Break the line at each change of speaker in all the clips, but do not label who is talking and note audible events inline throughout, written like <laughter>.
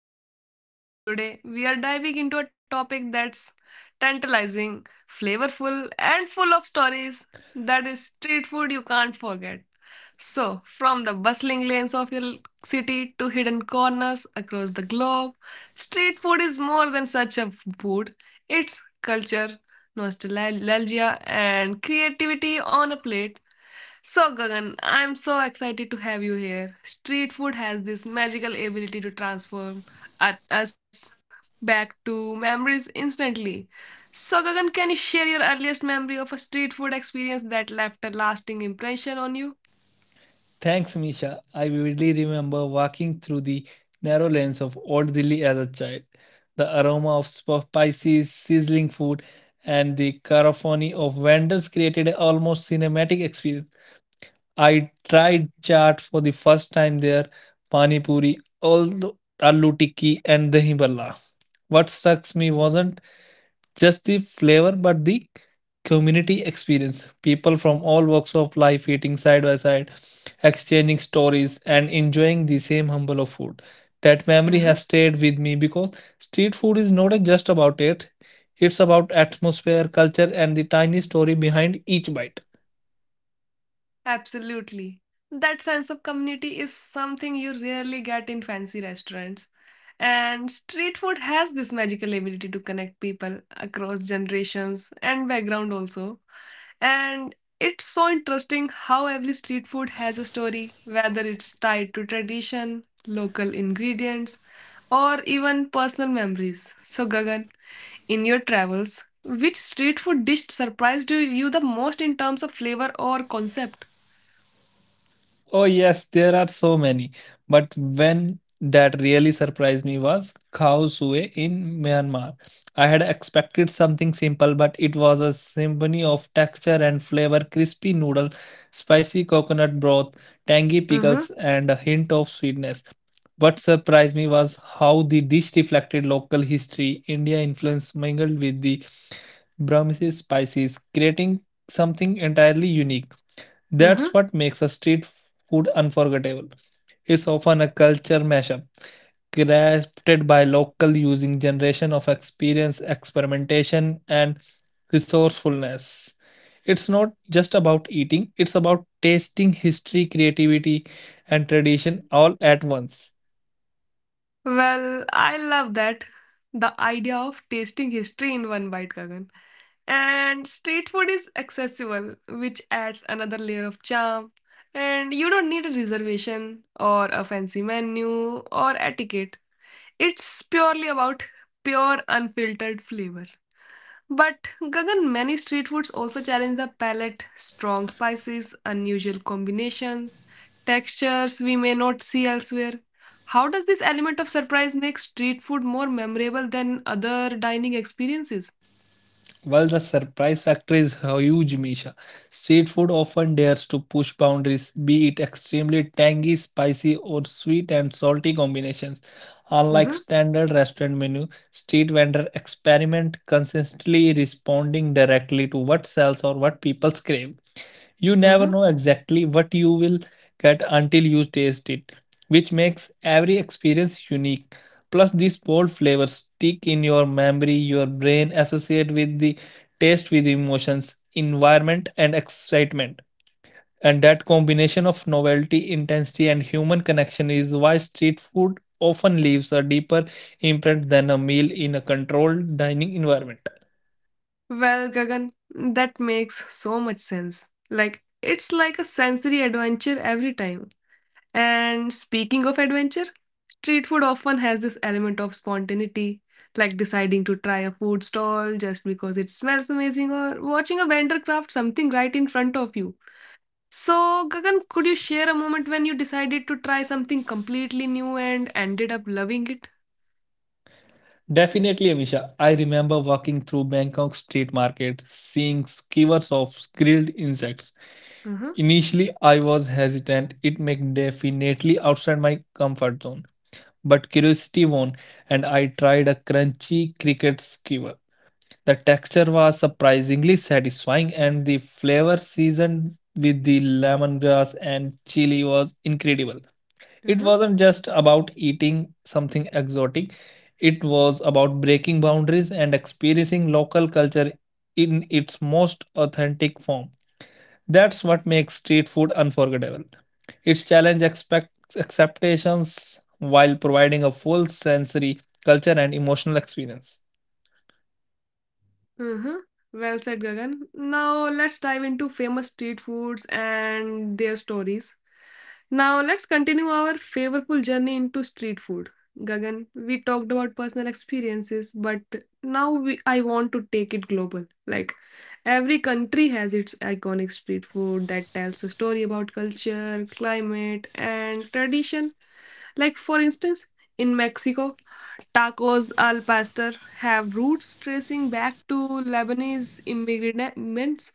our podcast. Today, we are diving into a topic that's tantalizing, flavorful, and full of stories. That is street food you can't forget. So, from the bustling lanes of your city to hidden corners across the globe, street food is more than such a food. It's culture, nostalgia, and creativity on a plate. So, Gagan, I'm so excited to have you here. Street food has this magical ability to transform at us back to memories instantly. So, Gagan, can you share your earliest memory of a street food experience that left a lasting impression on you?
Thanks, Misha. I vividly remember walking through the narrow lanes of Old Delhi as a child. The aroma of spices, sizzling food, and the cacophony of vendors created an almost cinematic experience. I tried chaat for the first time there, pani puri, all the aloo tikki, and dahi bhalla. What struck me wasn't just the flavor but the community experience, people from all walks of life eating side by side, exchanging stories and enjoying the same humble of food. That memory has stayed with me because street food is not just about it, it's about atmosphere, culture, and the tiny story behind each bite.
Absolutely. That sense of community is something you rarely get in fancy restaurants. And street food has this magical ability to connect people across generations and background also. And it's so interesting how every street food has a story, whether it's tied to tradition, local ingredients, or even personal memories. So, Gagan, in your travels, which street food dish surprised you the most in terms of flavor or concept?
Oh, yes, there are so many. But when that really surprised me was Khao Sue in Myanmar. I had expected something simple, but it was a symphony of texture and flavor, crispy noodle, spicy coconut broth, tangy
Mhm,
pickles, and a hint of sweetness. What surprised me was how the dish reflected local history, India influence mingled with the Burmese spices, creating something entirely unique. That's
mhm.
what makes a street food unforgettable. It's often a culture mashup crafted by local using generation of experience, experimentation, and resourcefulness. It's not just about eating, it's about tasting history, creativity, and tradition all at once.
Well, I love that. The idea of tasting history in one bite, Gagan. And street food is accessible, which adds another layer of charm. And you don't need a reservation or a fancy menu or etiquette. It's purely about pure, unfiltered flavor. But Gagan, many street foods also challenge the palate. Strong spices, unusual combinations, textures we may not see elsewhere. How does this element of surprise make street food more memorable than other dining experiences?
While the surprise factor is huge, Misha, street food often dares to push boundaries, be it extremely tangy, spicy, or sweet and salty combinations.
Mm-hmm,
Unlike standard restaurant menu, street vendor experiment consistently, responding directly to what sells or what people crave. You never
mm-hmm.
know exactly what you will get until you taste it, which makes every experience unique. Plus, these bold flavors stick in your memory, your brain associate with the taste with emotions, environment, and excitement. And that combination of novelty, intensity, and human connection is why street food often leaves a deeper imprint than a meal in a controlled dining environment.
Well, Gagan, that makes so much sense. Like, it's like a sensory adventure every time. And speaking of adventure, street food often has this element of spontaneity, like deciding to try a food stall just because it smells amazing or watching a vendor craft something right in front of you. So, Gagan, could you share a moment when you decided to try something completely new and ended up loving it?
Definitely, Amisha. I remember walking through Bangkok street market, seeing skewers of grilled insects.
Uh-huh,
Initially, I was hesitant. It made definitely outside my comfort zone. But curiosity won, and I tried a crunchy cricket skewer. The texture was surprisingly satisfying, and the flavor seasoned with the lemongrass and chili was incredible. It
uh-huh,
wasn't just about eating something exotic, it was about breaking boundaries and experiencing local culture in its most authentic form. That's what makes street food unforgettable. Its challenge expects acceptations while providing a full sensory, culture, and emotional experience.
uh-huh. Well said, Gagan. Now let's dive into famous street foods and their stories. Now let's continue our favorful journey into street food. Gagan, we talked about personal experiences, but I want to take it global. Like every country has its iconic street food that tells a story about culture, climate, and tradition. Like for instance, in Mexico, tacos al pastor have roots tracing back to Lebanese immigrants.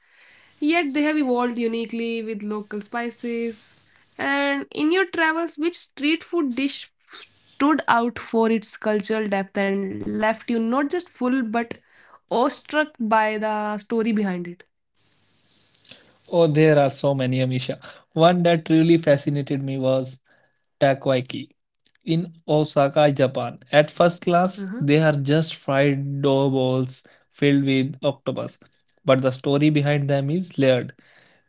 Yet they have evolved uniquely with local spices. And in your travels, which street food dish stood out for its cultural depth and left you not just full but awestruck by the story behind it?
Oh, there are so many, Amisha. One that really fascinated me was takoyaki in Osaka, Japan. At first class, they
Uh-huh,
are just fried dough balls filled with octopus, but the story behind them is layered.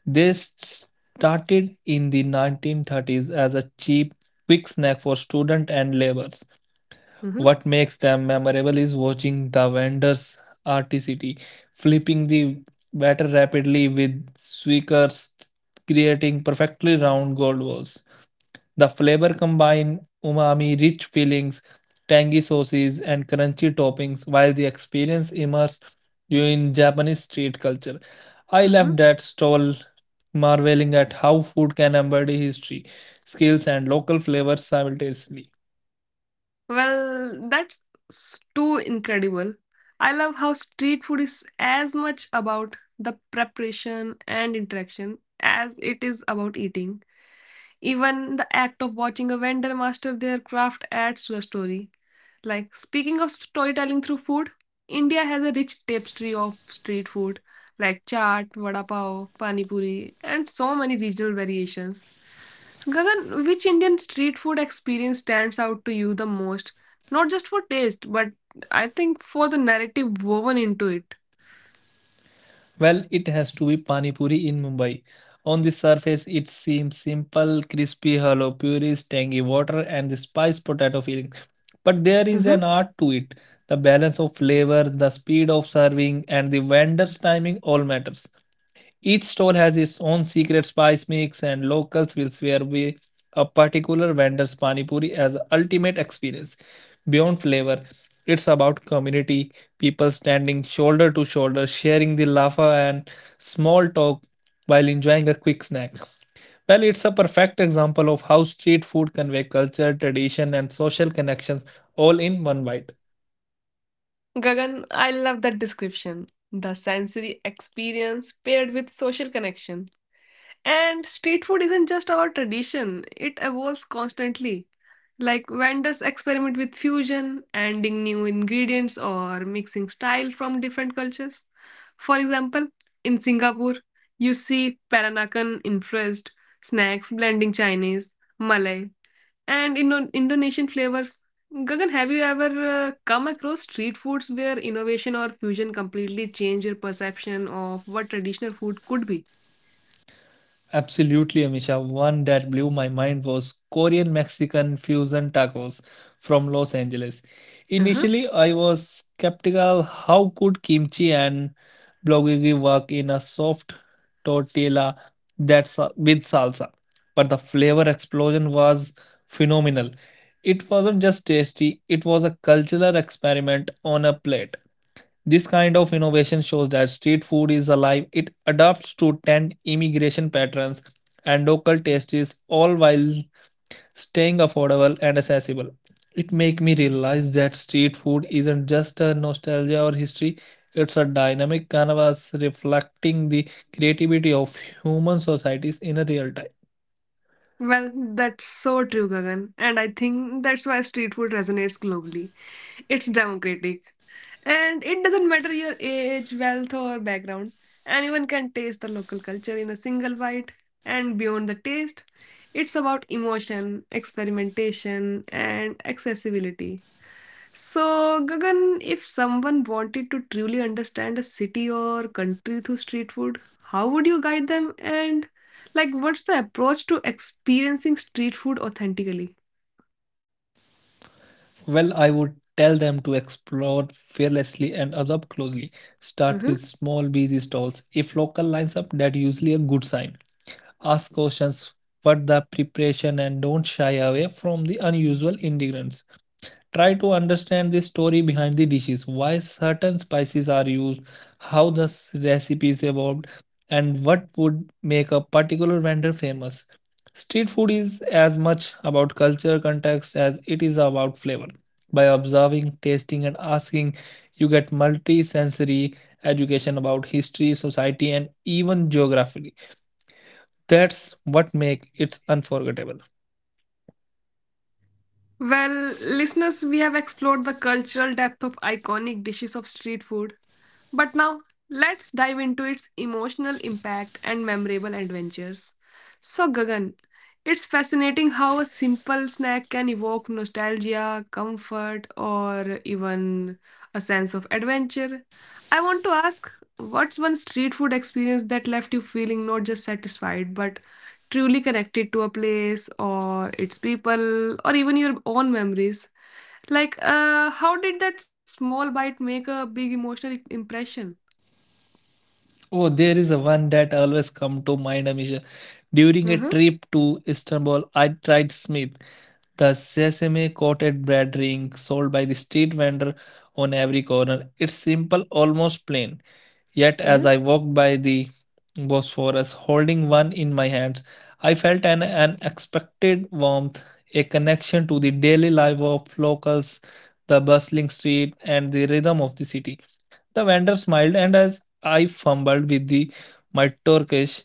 They started in the 1930s as a cheap, quick snack for students and laborers.
uh-huh,
What makes them memorable is watching the vendors' articity, flipping the batter rapidly with swickers, creating perfectly round gold balls. The flavor combine umami, rich fillings, tangy sauces, and crunchy toppings, while the experience immerses you in Japanese street culture. I left
uh-huh.
that stall marveling at how food can embody history, skills, and local flavors simultaneously.
Well, too incredible. I love how street food is as much about the preparation and interaction as it is about eating. Even the act of watching a vendor master their craft adds to the story. Like, speaking of storytelling through food, India has a rich tapestry of street food like chaat, vada pav, pani puri, and so many regional variations. Gagan, which Indian street food experience stands out to you the most? Not just for taste, but I think for the narrative woven into it.
Well, it has to be Pani Puri in Mumbai. On the surface, it seems simple, crispy, hollow purees, tangy water, and the spiced potato filling. But there is
Mhm.
an art to it. The balance of flavor, the speed of serving, and the vendor's timing all matters. Each store has its own secret spice mix, and locals will swear by a particular vendor's pani puri as the ultimate experience. Beyond flavor, it's about community, people standing shoulder to shoulder, sharing the laughter and small talk while enjoying a quick snack. Well, it's a perfect example of how street food convey culture, tradition, and social connections all in one bite.
Gagan, I love that description. The sensory experience paired with social connection. And street food isn't just about tradition, it evolves constantly. Like vendors experiment with fusion, adding new ingredients or mixing style from different cultures. For example, in Singapore, you see Peranakan influenced snacks blending Chinese, Malay, and Indonesian flavors. Gagan, have you ever come across street foods where innovation or fusion completely change your perception of what traditional food could be?
Absolutely, Amisha. One that blew my mind was Korean Mexican fusion tacos from Los Angeles.
Uh-huh.
Initially, I was skeptical. How could kimchi and bulgogi work in a soft tortilla that's with salsa? But the flavor explosion was phenomenal. It wasn't just tasty, it was a cultural experiment on a plate. This kind of innovation shows that street food is alive. It adapts to trend, immigration patterns, and local tastes, all while staying affordable and accessible. It make me realize that street food isn't just a nostalgia or history. It's a dynamic canvas reflecting the creativity of human societies in a real time.
Well, that's so true, Gagan. And I think that's why street food resonates globally. It's democratic. And it doesn't matter your age, wealth, or background. Anyone can taste the local culture in a single bite. And beyond the taste, it's about emotion, experimentation, and accessibility. So, Gagan, if someone wanted to truly understand a city or country through street food, how would you guide them? And, like, what's the approach to experiencing street food authentically?
Well, I would tell them to explore fearlessly and observe closely.
Mhm.
Start with small, busy stalls. If local lines up, that usually a good sign. Ask questions for the preparation and don't shy away from the unusual ingredients. Try to understand the story behind the dishes, why certain spices are used, how the recipes evolved, and what would make a particular vendor famous. Street food is as much about culture context as it is about flavor. By observing, tasting, and asking, you get multi sensory education about history, society, and even geography. That's what makes it unforgettable.
Well, listeners, we have explored the cultural depth of iconic dishes of street food, but now let's dive into its emotional impact and memorable adventures. So, Gagan, it's fascinating how a simple snack can evoke nostalgia, comfort, or even a sense of adventure. I want to ask what's one street food experience that left you feeling not just satisfied but truly connected to a place or its people or even your own memories? Like, how did that small bite make a big emotional impression?
Oh, there is a one that always come to mind, Amisha. During a
Mhm,
trip to Istanbul, I tried Smith, the sesame coated bread ring sold by the street vendor on every corner. It's simple, almost plain. Yet as
mhm,
I walked by the Bosphorus, holding one in my hands, I felt an unexpected warmth, a connection to the daily life of locals, the bustling street, and the rhythm of the city. The vendor smiled, and as I fumbled with the my Turkish,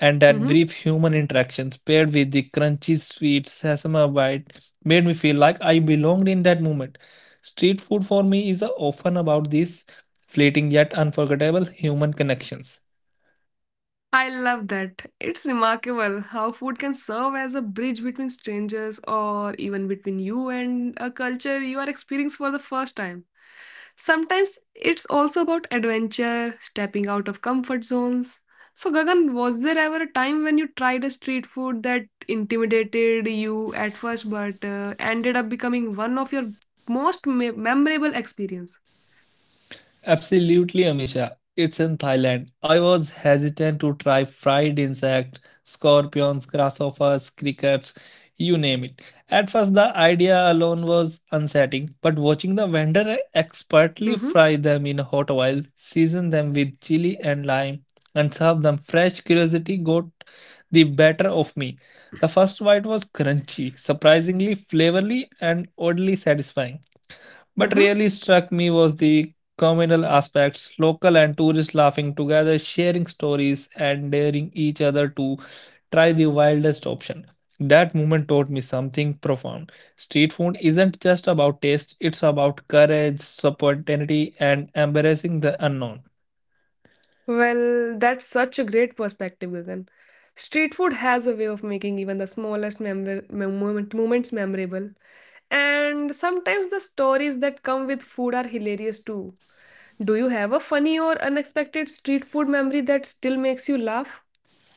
and that
mhm.
brief human interactions paired with the crunchy sweet sesame bite made me feel like I belonged in that moment. Street food for me is often about these fleeting yet unforgettable human connections.
I love that. It's remarkable how food can serve as a bridge between strangers or even between you and a culture you are experiencing for the first time. Sometimes it's also about adventure, stepping out of comfort zones. So, Gagan, was there ever a time when you tried a street food that intimidated you at first but ended up becoming one of your most me memorable experience?
Absolutely, Amisha. It's in Thailand. I was hesitant to try fried insects, scorpions, grasshoppers, crickets, you name it. At first, the idea alone was unsettling, but watching the vendor expertly
Mm-hmm,
fry them in hot oil, season them with chili and lime, and serve them fresh, curiosity got the better of me. The first bite was crunchy, surprisingly flavorly, and oddly satisfying. What
mm-hmm.
really struck me was the communal aspects, local and tourists laughing together, sharing stories, and daring each other to try the wildest option. That moment taught me something profound. Street food isn't just about taste, it's about courage, spontaneity, and embracing the unknown.
Well, that's such a great perspective, Gagan. Street food has a way of making even the smallest moments memorable. And sometimes the stories that come with food are hilarious too. Do you have a funny or unexpected street food memory that still makes you laugh?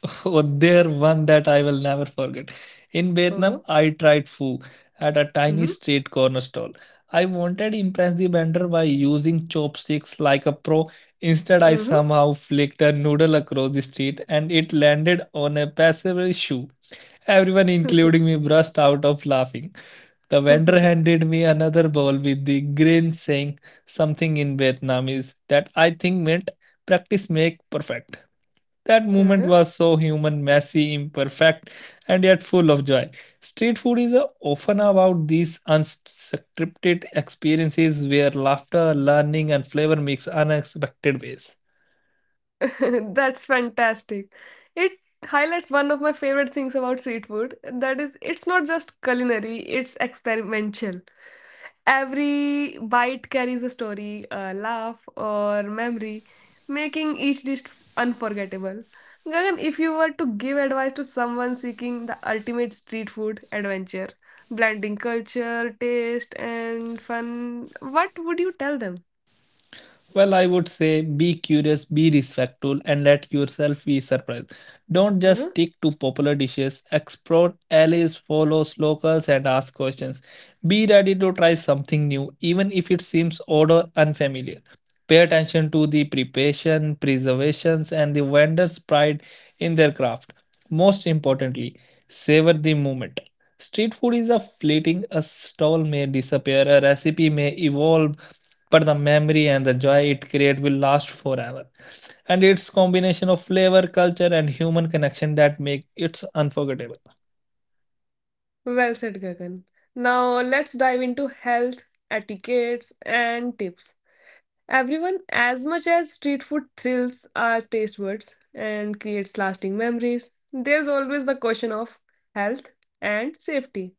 <laughs> Oh, there one that I will never forget. In
Uh-huh.
Vietnam, I tried pho at a tiny street corner stall. I wanted to impress the vendor by using chopsticks like a pro. Instead, I
Mm-hmm.
somehow flicked a noodle across the street and it landed on a passerby shoe. Everyone, including me, burst out of laughing. The
Mm-hmm. <laughs>
vendor
uh-huh.
handed me another bowl with the grin, saying something in Vietnamese that I think meant practice make perfect. That moment was so human, messy, imperfect, and yet full of joy. Street food is often about these unscripted experiences where laughter, learning, and flavor mix unexpected ways.
<laughs> That's fantastic. It highlights one of my favorite things about street food. That is, it's not just culinary, it's experimental. Every bite carries a story, a laugh, or memory, making each dish unforgettable. Gagan, if you were to give advice to someone seeking the ultimate street food adventure, blending culture, taste, and fun, what would you tell them?
Well, I would say be curious, be respectful, and let yourself be surprised. Don't just
Mhm.
stick to popular dishes. Explore alleys, follow locals, and ask questions. Be ready to try something new, even if it seems odd or unfamiliar. Pay attention to the preparation, preservations, and the vendor's pride in their craft. Most importantly, savor the moment. Street food is a fleeting, a stall may disappear, a recipe may evolve, but the memory and the joy it creates will last forever. And its combination of flavor, culture, and human connection that make it unforgettable.
Well said, Gagan. Now let's dive into health, etiquettes, and tips. Everyone, as much as street food thrills our taste buds and creates lasting memories, there's always the question of health and safety.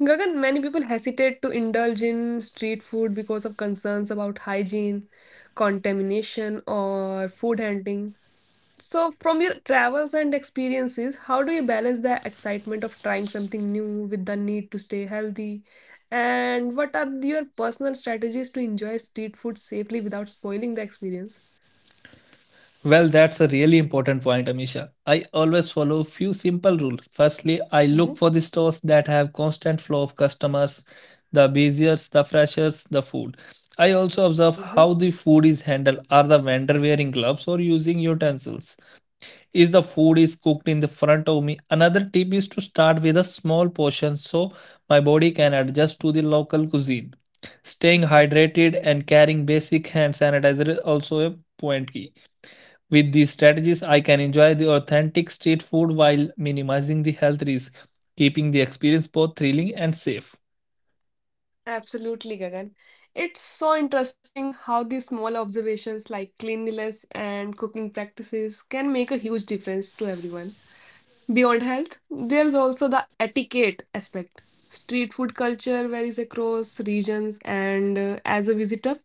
Gagan, many people hesitate to indulge in street food because of concerns about hygiene, contamination, or food handling. So, from your travels and experiences, how do you balance the excitement of trying something new with the need to stay healthy? And what are your personal strategies to enjoy street food safely without spoiling the experience?
Well, that's a really important point, Amisha. I always follow a few simple rules. Firstly, I look
hmm
for the stores that have constant flow of customers, the busiest, the freshest, the food. I also observe
Mhm.
how the food is handled. Are the vendor wearing gloves or using utensils? Is the food is cooked in the front of me? Another tip is to start with a small portion so my body can adjust to the local cuisine. Staying
hmm
hydrated and carrying basic hand sanitizer is also a point key. With these strategies, I can enjoy the authentic street food while minimizing the health risk, keeping the experience both thrilling and safe.
Absolutely, Gagan. It's so interesting how these small observations like cleanliness and cooking practices can make a huge difference to everyone. Beyond health, there's also the etiquette aspect. Street food culture varies across regions, and as a visitor,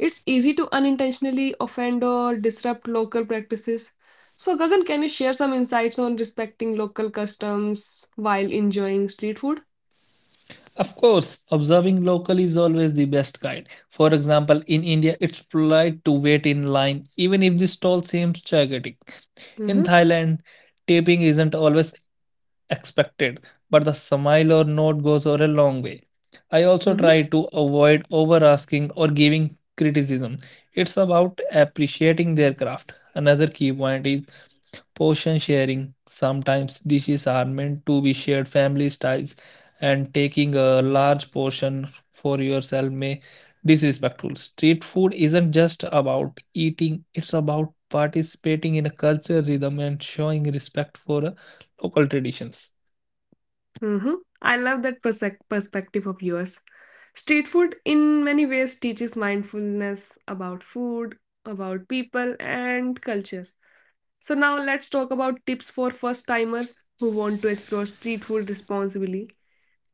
it's easy to unintentionally offend or disrupt local practices. So, Gagan, can you share some insights on respecting local customs while enjoying street food?
Of course, observing local is always the best guide. For example, in India, it's polite to wait in line even if the stall seems chaotic. In
Mm-hmm,
Thailand, taping isn't always expected, but the smile or nod goes over a long way. I also
mm-hmm,
try to avoid over asking or giving criticism. It's about appreciating their craft. Another key point is portion sharing. Sometimes dishes are meant to be shared family styles, and taking a large portion for yourself may disrespectful. Street food isn't just about eating, it's about participating in a cultural rhythm and showing respect for local traditions.
mm-hmm. I love that perspective of yours. Street food, in many ways, teaches mindfulness about food, about people, and culture. So now let's talk about tips for first timers who want to explore street food responsibly.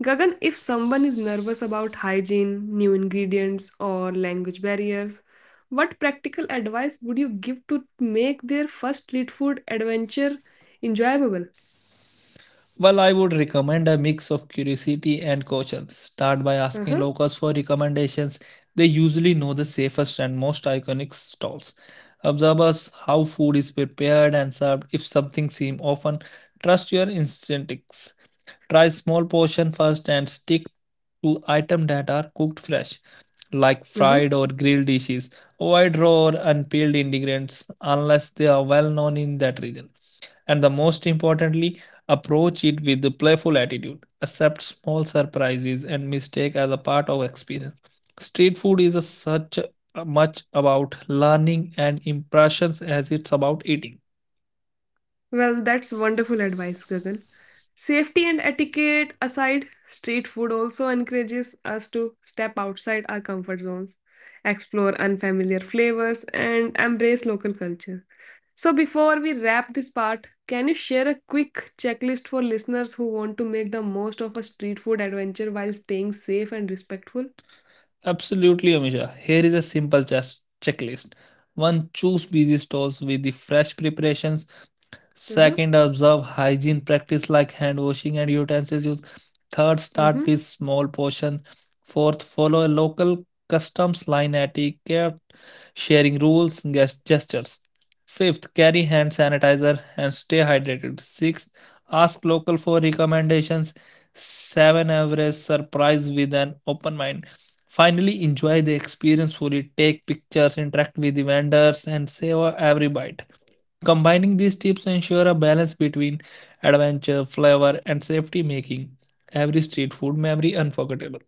Gagan, if someone is nervous about hygiene, new ingredients, or language barriers, what practical advice would you give to make their first street food adventure enjoyable?
Well, I would recommend a mix of curiosity and caution. Start by asking
Uh-huh.
locals for recommendations. They usually know the safest and most iconic stalls. Observe us how food is prepared and served. If something seems often, trust your instincts. Try small portion first and stick to items that are cooked fresh, like
Uh-huh.
fried or grilled dishes. Avoid raw or unpeeled ingredients unless they are well known in that region and the most importantly, approach it with a playful attitude. Accept small surprises and mistake as a part of experience. Street food is a such a much about learning and impressions as it's about eating.
Well, that's wonderful advice, Gagan. Safety and etiquette aside, street food also encourages us to step outside our comfort zones, explore unfamiliar flavors, and embrace local culture. So, before we wrap this part, can you share a quick checklist for listeners who want to make the most of a street food adventure while staying safe and respectful?
Absolutely, Amisha. Here is a simple chess checklist. One, choose busy stalls with the fresh preparations.
Uh-huh.
Second, observe hygiene practice like hand washing and utensils use. Third, start with small portions. Fourth, follow a local customs line etiquette, sharing rules, gestures. Fifth, carry hand sanitizer and stay hydrated. Sixth, ask local for recommendations. Seven, average surprise with an open mind. Finally, enjoy the experience fully. Take pictures, interact with the vendors, and savor every bite. Combining these tips ensure a balance between adventure, flavor, and safety, making every street food memory unforgettable.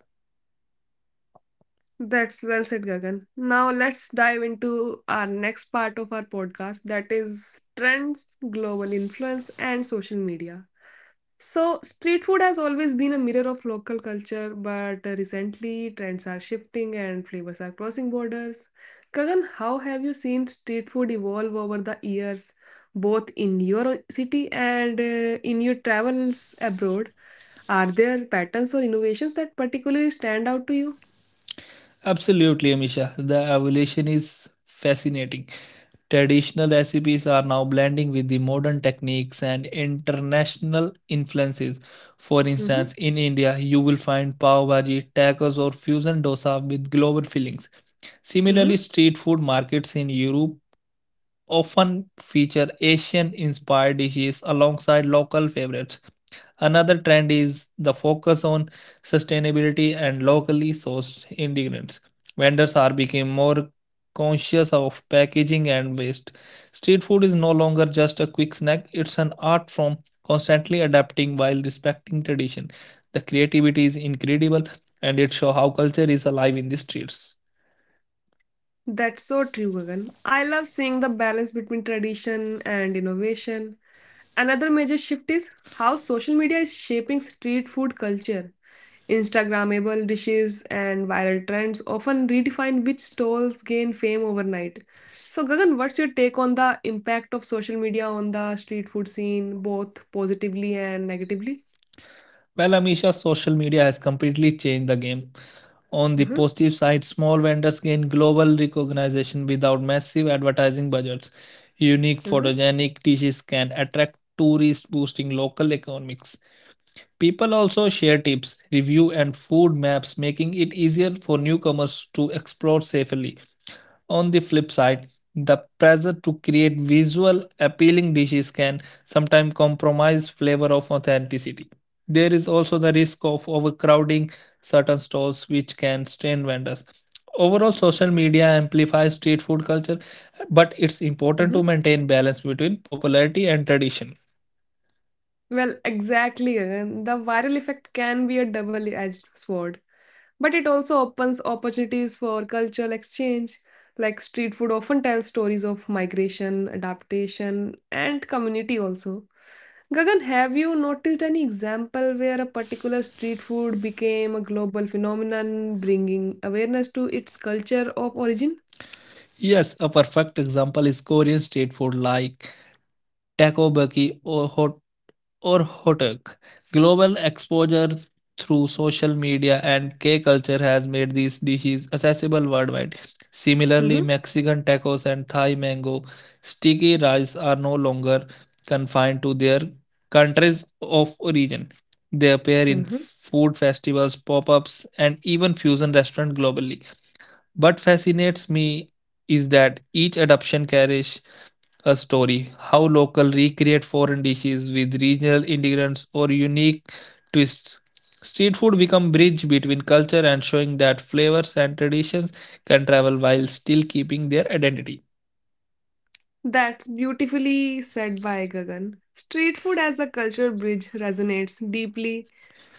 That's well said, Gagan. Now let's dive into our next part of our podcast that is trends, global influence, and social media. So, street food has always been a mirror of local culture, but recently trends are shifting and flavors are crossing borders. Gagan, how have you seen street food evolve over the years, both in your city and in your travels abroad? Are there patterns or innovations that particularly stand out to you?
Absolutely, Amisha. The evolution is fascinating. Traditional recipes are now blending with the modern techniques and international influences. For
hmm
instance, in India, you will find pav bhaji, tacos, or fusion dosa with global fillings.
hmm
Similarly, street food markets in Europe often feature Asian inspired dishes alongside local favorites. Another trend is the focus on sustainability and locally sourced ingredients. Vendors are becoming more conscious of packaging and waste. Street food is no longer just a quick snack, it's an art form constantly adapting while respecting tradition. The creativity is incredible and it shows how culture is alive in the streets.
That's so true, Gagan. I love seeing the balance between tradition and innovation. Another major shift is how social media is shaping street food culture. Instagrammable dishes and viral trends often redefine which stalls gain fame overnight. So, Gagan, what's your take on the impact of social media on the street food scene, both positively and negatively?
Well, Amisha, social media has completely changed the game. On the
Mm-hmm,
positive side, small vendors gain global recognition without massive advertising budgets. Unique
mm-hmm,
photogenic dishes can attract tourists, boosting local economics. People also share tips, reviews, and food maps, making it easier for newcomers to explore safely. On the flip side, the pressure to create visual appealing dishes can sometimes compromise flavor of authenticity. There is also the risk of overcrowding certain stalls which can strain vendors. Overall, social media amplifies street food culture, but it's important
mm-hmm.
to maintain balance between popularity and tradition.
Well, exactly, Gagan. The viral effect can be a double-edged sword. But it also opens opportunities for cultural exchange, like street food often tells stories of migration, adaptation, and community also. Gagan, have you noticed any example where a particular street food became a global phenomenon, bringing awareness to its culture of origin?
Yes, a perfect example is Korean street food like takoyaki or Hotek. Global exposure through social media and K culture has made these dishes accessible worldwide. Similarly,
hmm
Mexican tacos and Thai mango sticky rice are no longer confined to their countries of origin. They appear in
hmm
food festivals, pop ups, and even fusion restaurants globally. What fascinates me is that each adoption carries a story. How local recreate foreign dishes with regional ingredients or unique twists. Street food become bridge between culture and showing that flavors and traditions can travel while still keeping their identity.
That's beautifully said by Gagan. Street food as a cultural bridge resonates deeply.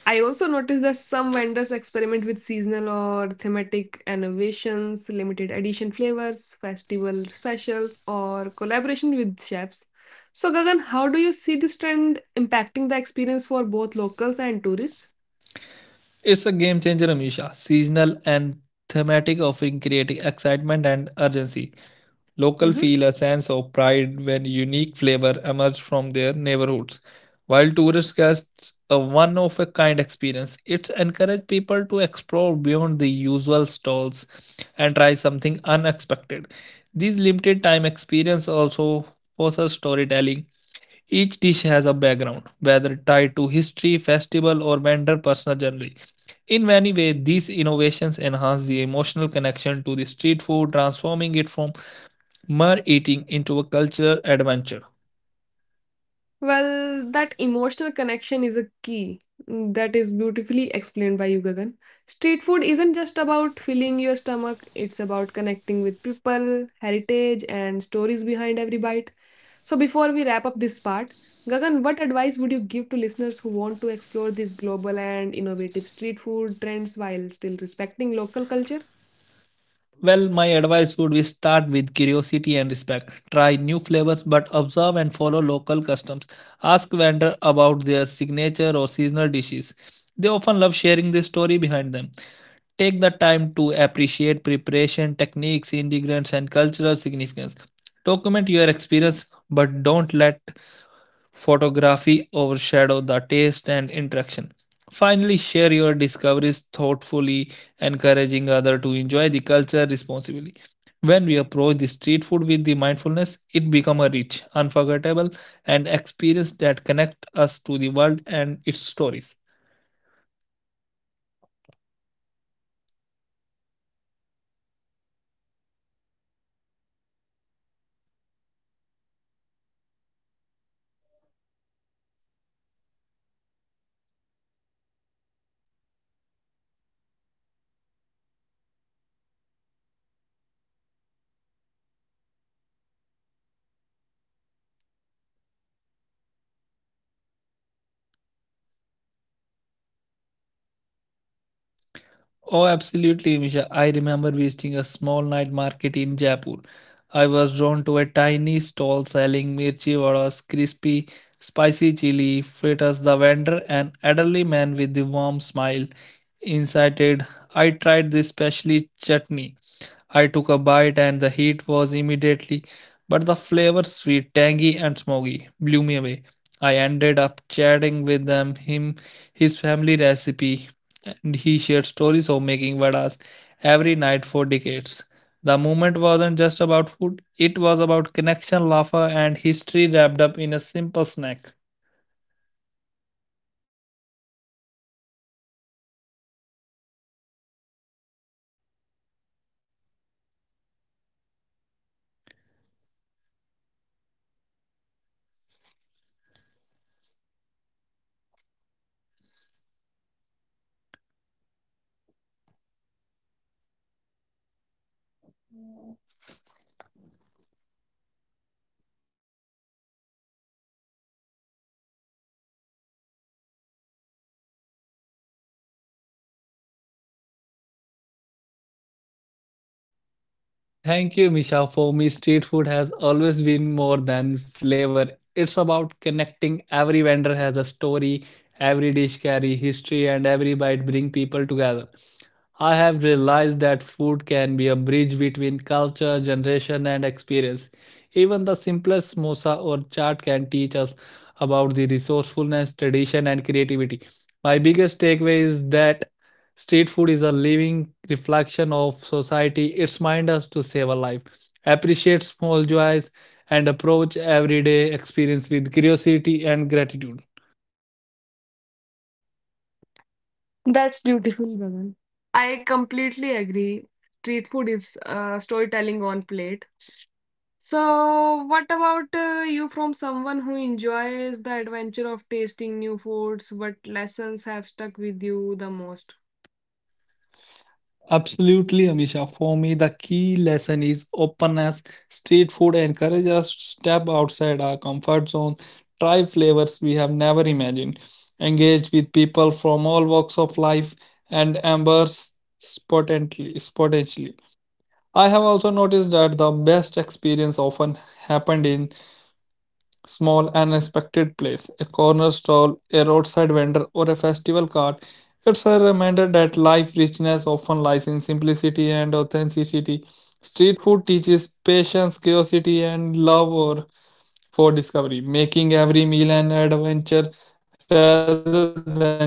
I also noticed that some vendors experiment with seasonal or thematic innovations, limited edition flavors, festival specials, or collaboration with chefs. So, Gagan, how do you see this trend impacting the experience for both locals and tourists?
It's a game changer, Amisha. Seasonal and thematic offering creating excitement and urgency. Locals
Mhm.
feel a sense of pride when unique flavor emerge from their neighborhoods. While tourists get a one of a kind experience, it encourages people to explore beyond the usual stalls and try something unexpected. These limited time experiences also foster storytelling. Each dish has a background, whether tied to history, festival, or vendor personal journey. In many ways, these innovations enhance the emotional connection to the street food, transforming it from mer eating into a culture adventure.
Well, that emotional connection is a key, that is beautifully explained by you, Gagan. Street food isn't just about filling your stomach, it's about connecting with people, heritage, and stories behind every bite. So, before we wrap up this part, Gagan, what advice would you give to listeners who want to explore these global and innovative street food trends while still respecting local culture?
Well, my advice would be start with curiosity and respect. Try new flavors but observe and follow local customs. Ask vendor about their signature or seasonal dishes. They often love sharing the story behind them. Take the time to appreciate preparation, techniques, ingredients and cultural significance. Document your experience but don't let photography overshadow the taste and interaction. Finally, share your discoveries thoughtfully, encouraging others to enjoy the culture responsibly. When we approach the street food with the mindfulness, it becomes a rich, unforgettable, and experience that connect us to the world and its stories. Oh, absolutely, Misha. I remember visiting a small night market in Jaipur. I was drawn to a tiny stall selling mirchi vadas, crispy, spicy chili fritters. The vendor, an elderly man with a warm smile, incited. I tried this specially chutney. I took a bite and the heat was immediately, but the flavor sweet, tangy and smoky blew me away. I ended up chatting with him, his family recipe, and he shared stories of making vadas every night for decades. The moment wasn't just about food, it was about connection, laughter, and history wrapped up in a simple snack. Thank you, Misha. For me, street food has always been more than flavor. It's about connecting. Every vendor has a story, every dish carry history, and every bite bring people together. I have realized that food can be a bridge between culture, generation, and experience. Even the simplest samosa or chaat can teach us about the resourcefulness, tradition, and creativity. My biggest takeaway is that street food is a living reflection of society. It reminds us to save a life, appreciate small joys, and approach everyday experience with curiosity and gratitude.
That's beautiful, Gagan. I completely agree. Street food is storytelling on plate. So, what about you from someone who enjoys the adventure of tasting new foods? What lessons have stuck with you the most?
Absolutely, Amisha. For me, the key lesson is openness. Street food encourages us to step outside our comfort zone, try flavors we have never imagined, engage with people from all walks of life, and embrace potentially. I have also noticed that the best experience often happened in small unexpected place, a corner stall, a roadside vendor, or a festival cart. It's a reminder that life richness often lies in simplicity and authenticity. Street food teaches patience, curiosity, and love or for discovery, making every meal an adventure rather than just nourishment.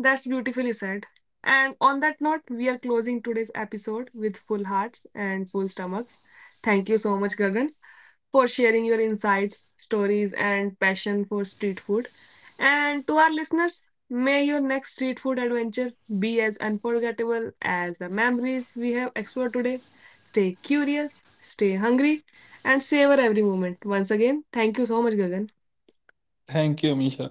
That's beautifully said. And on that note, we are closing today's episode with full hearts and full stomachs. Thank you so much, Gagan, for sharing your insights, stories, and passion for street food. And to our listeners, may your next street food adventure be as unforgettable as the memories we have explored today. Stay curious, stay hungry, and savor every moment. Once again, thank you so much, Gagan.
Thank you, Misha.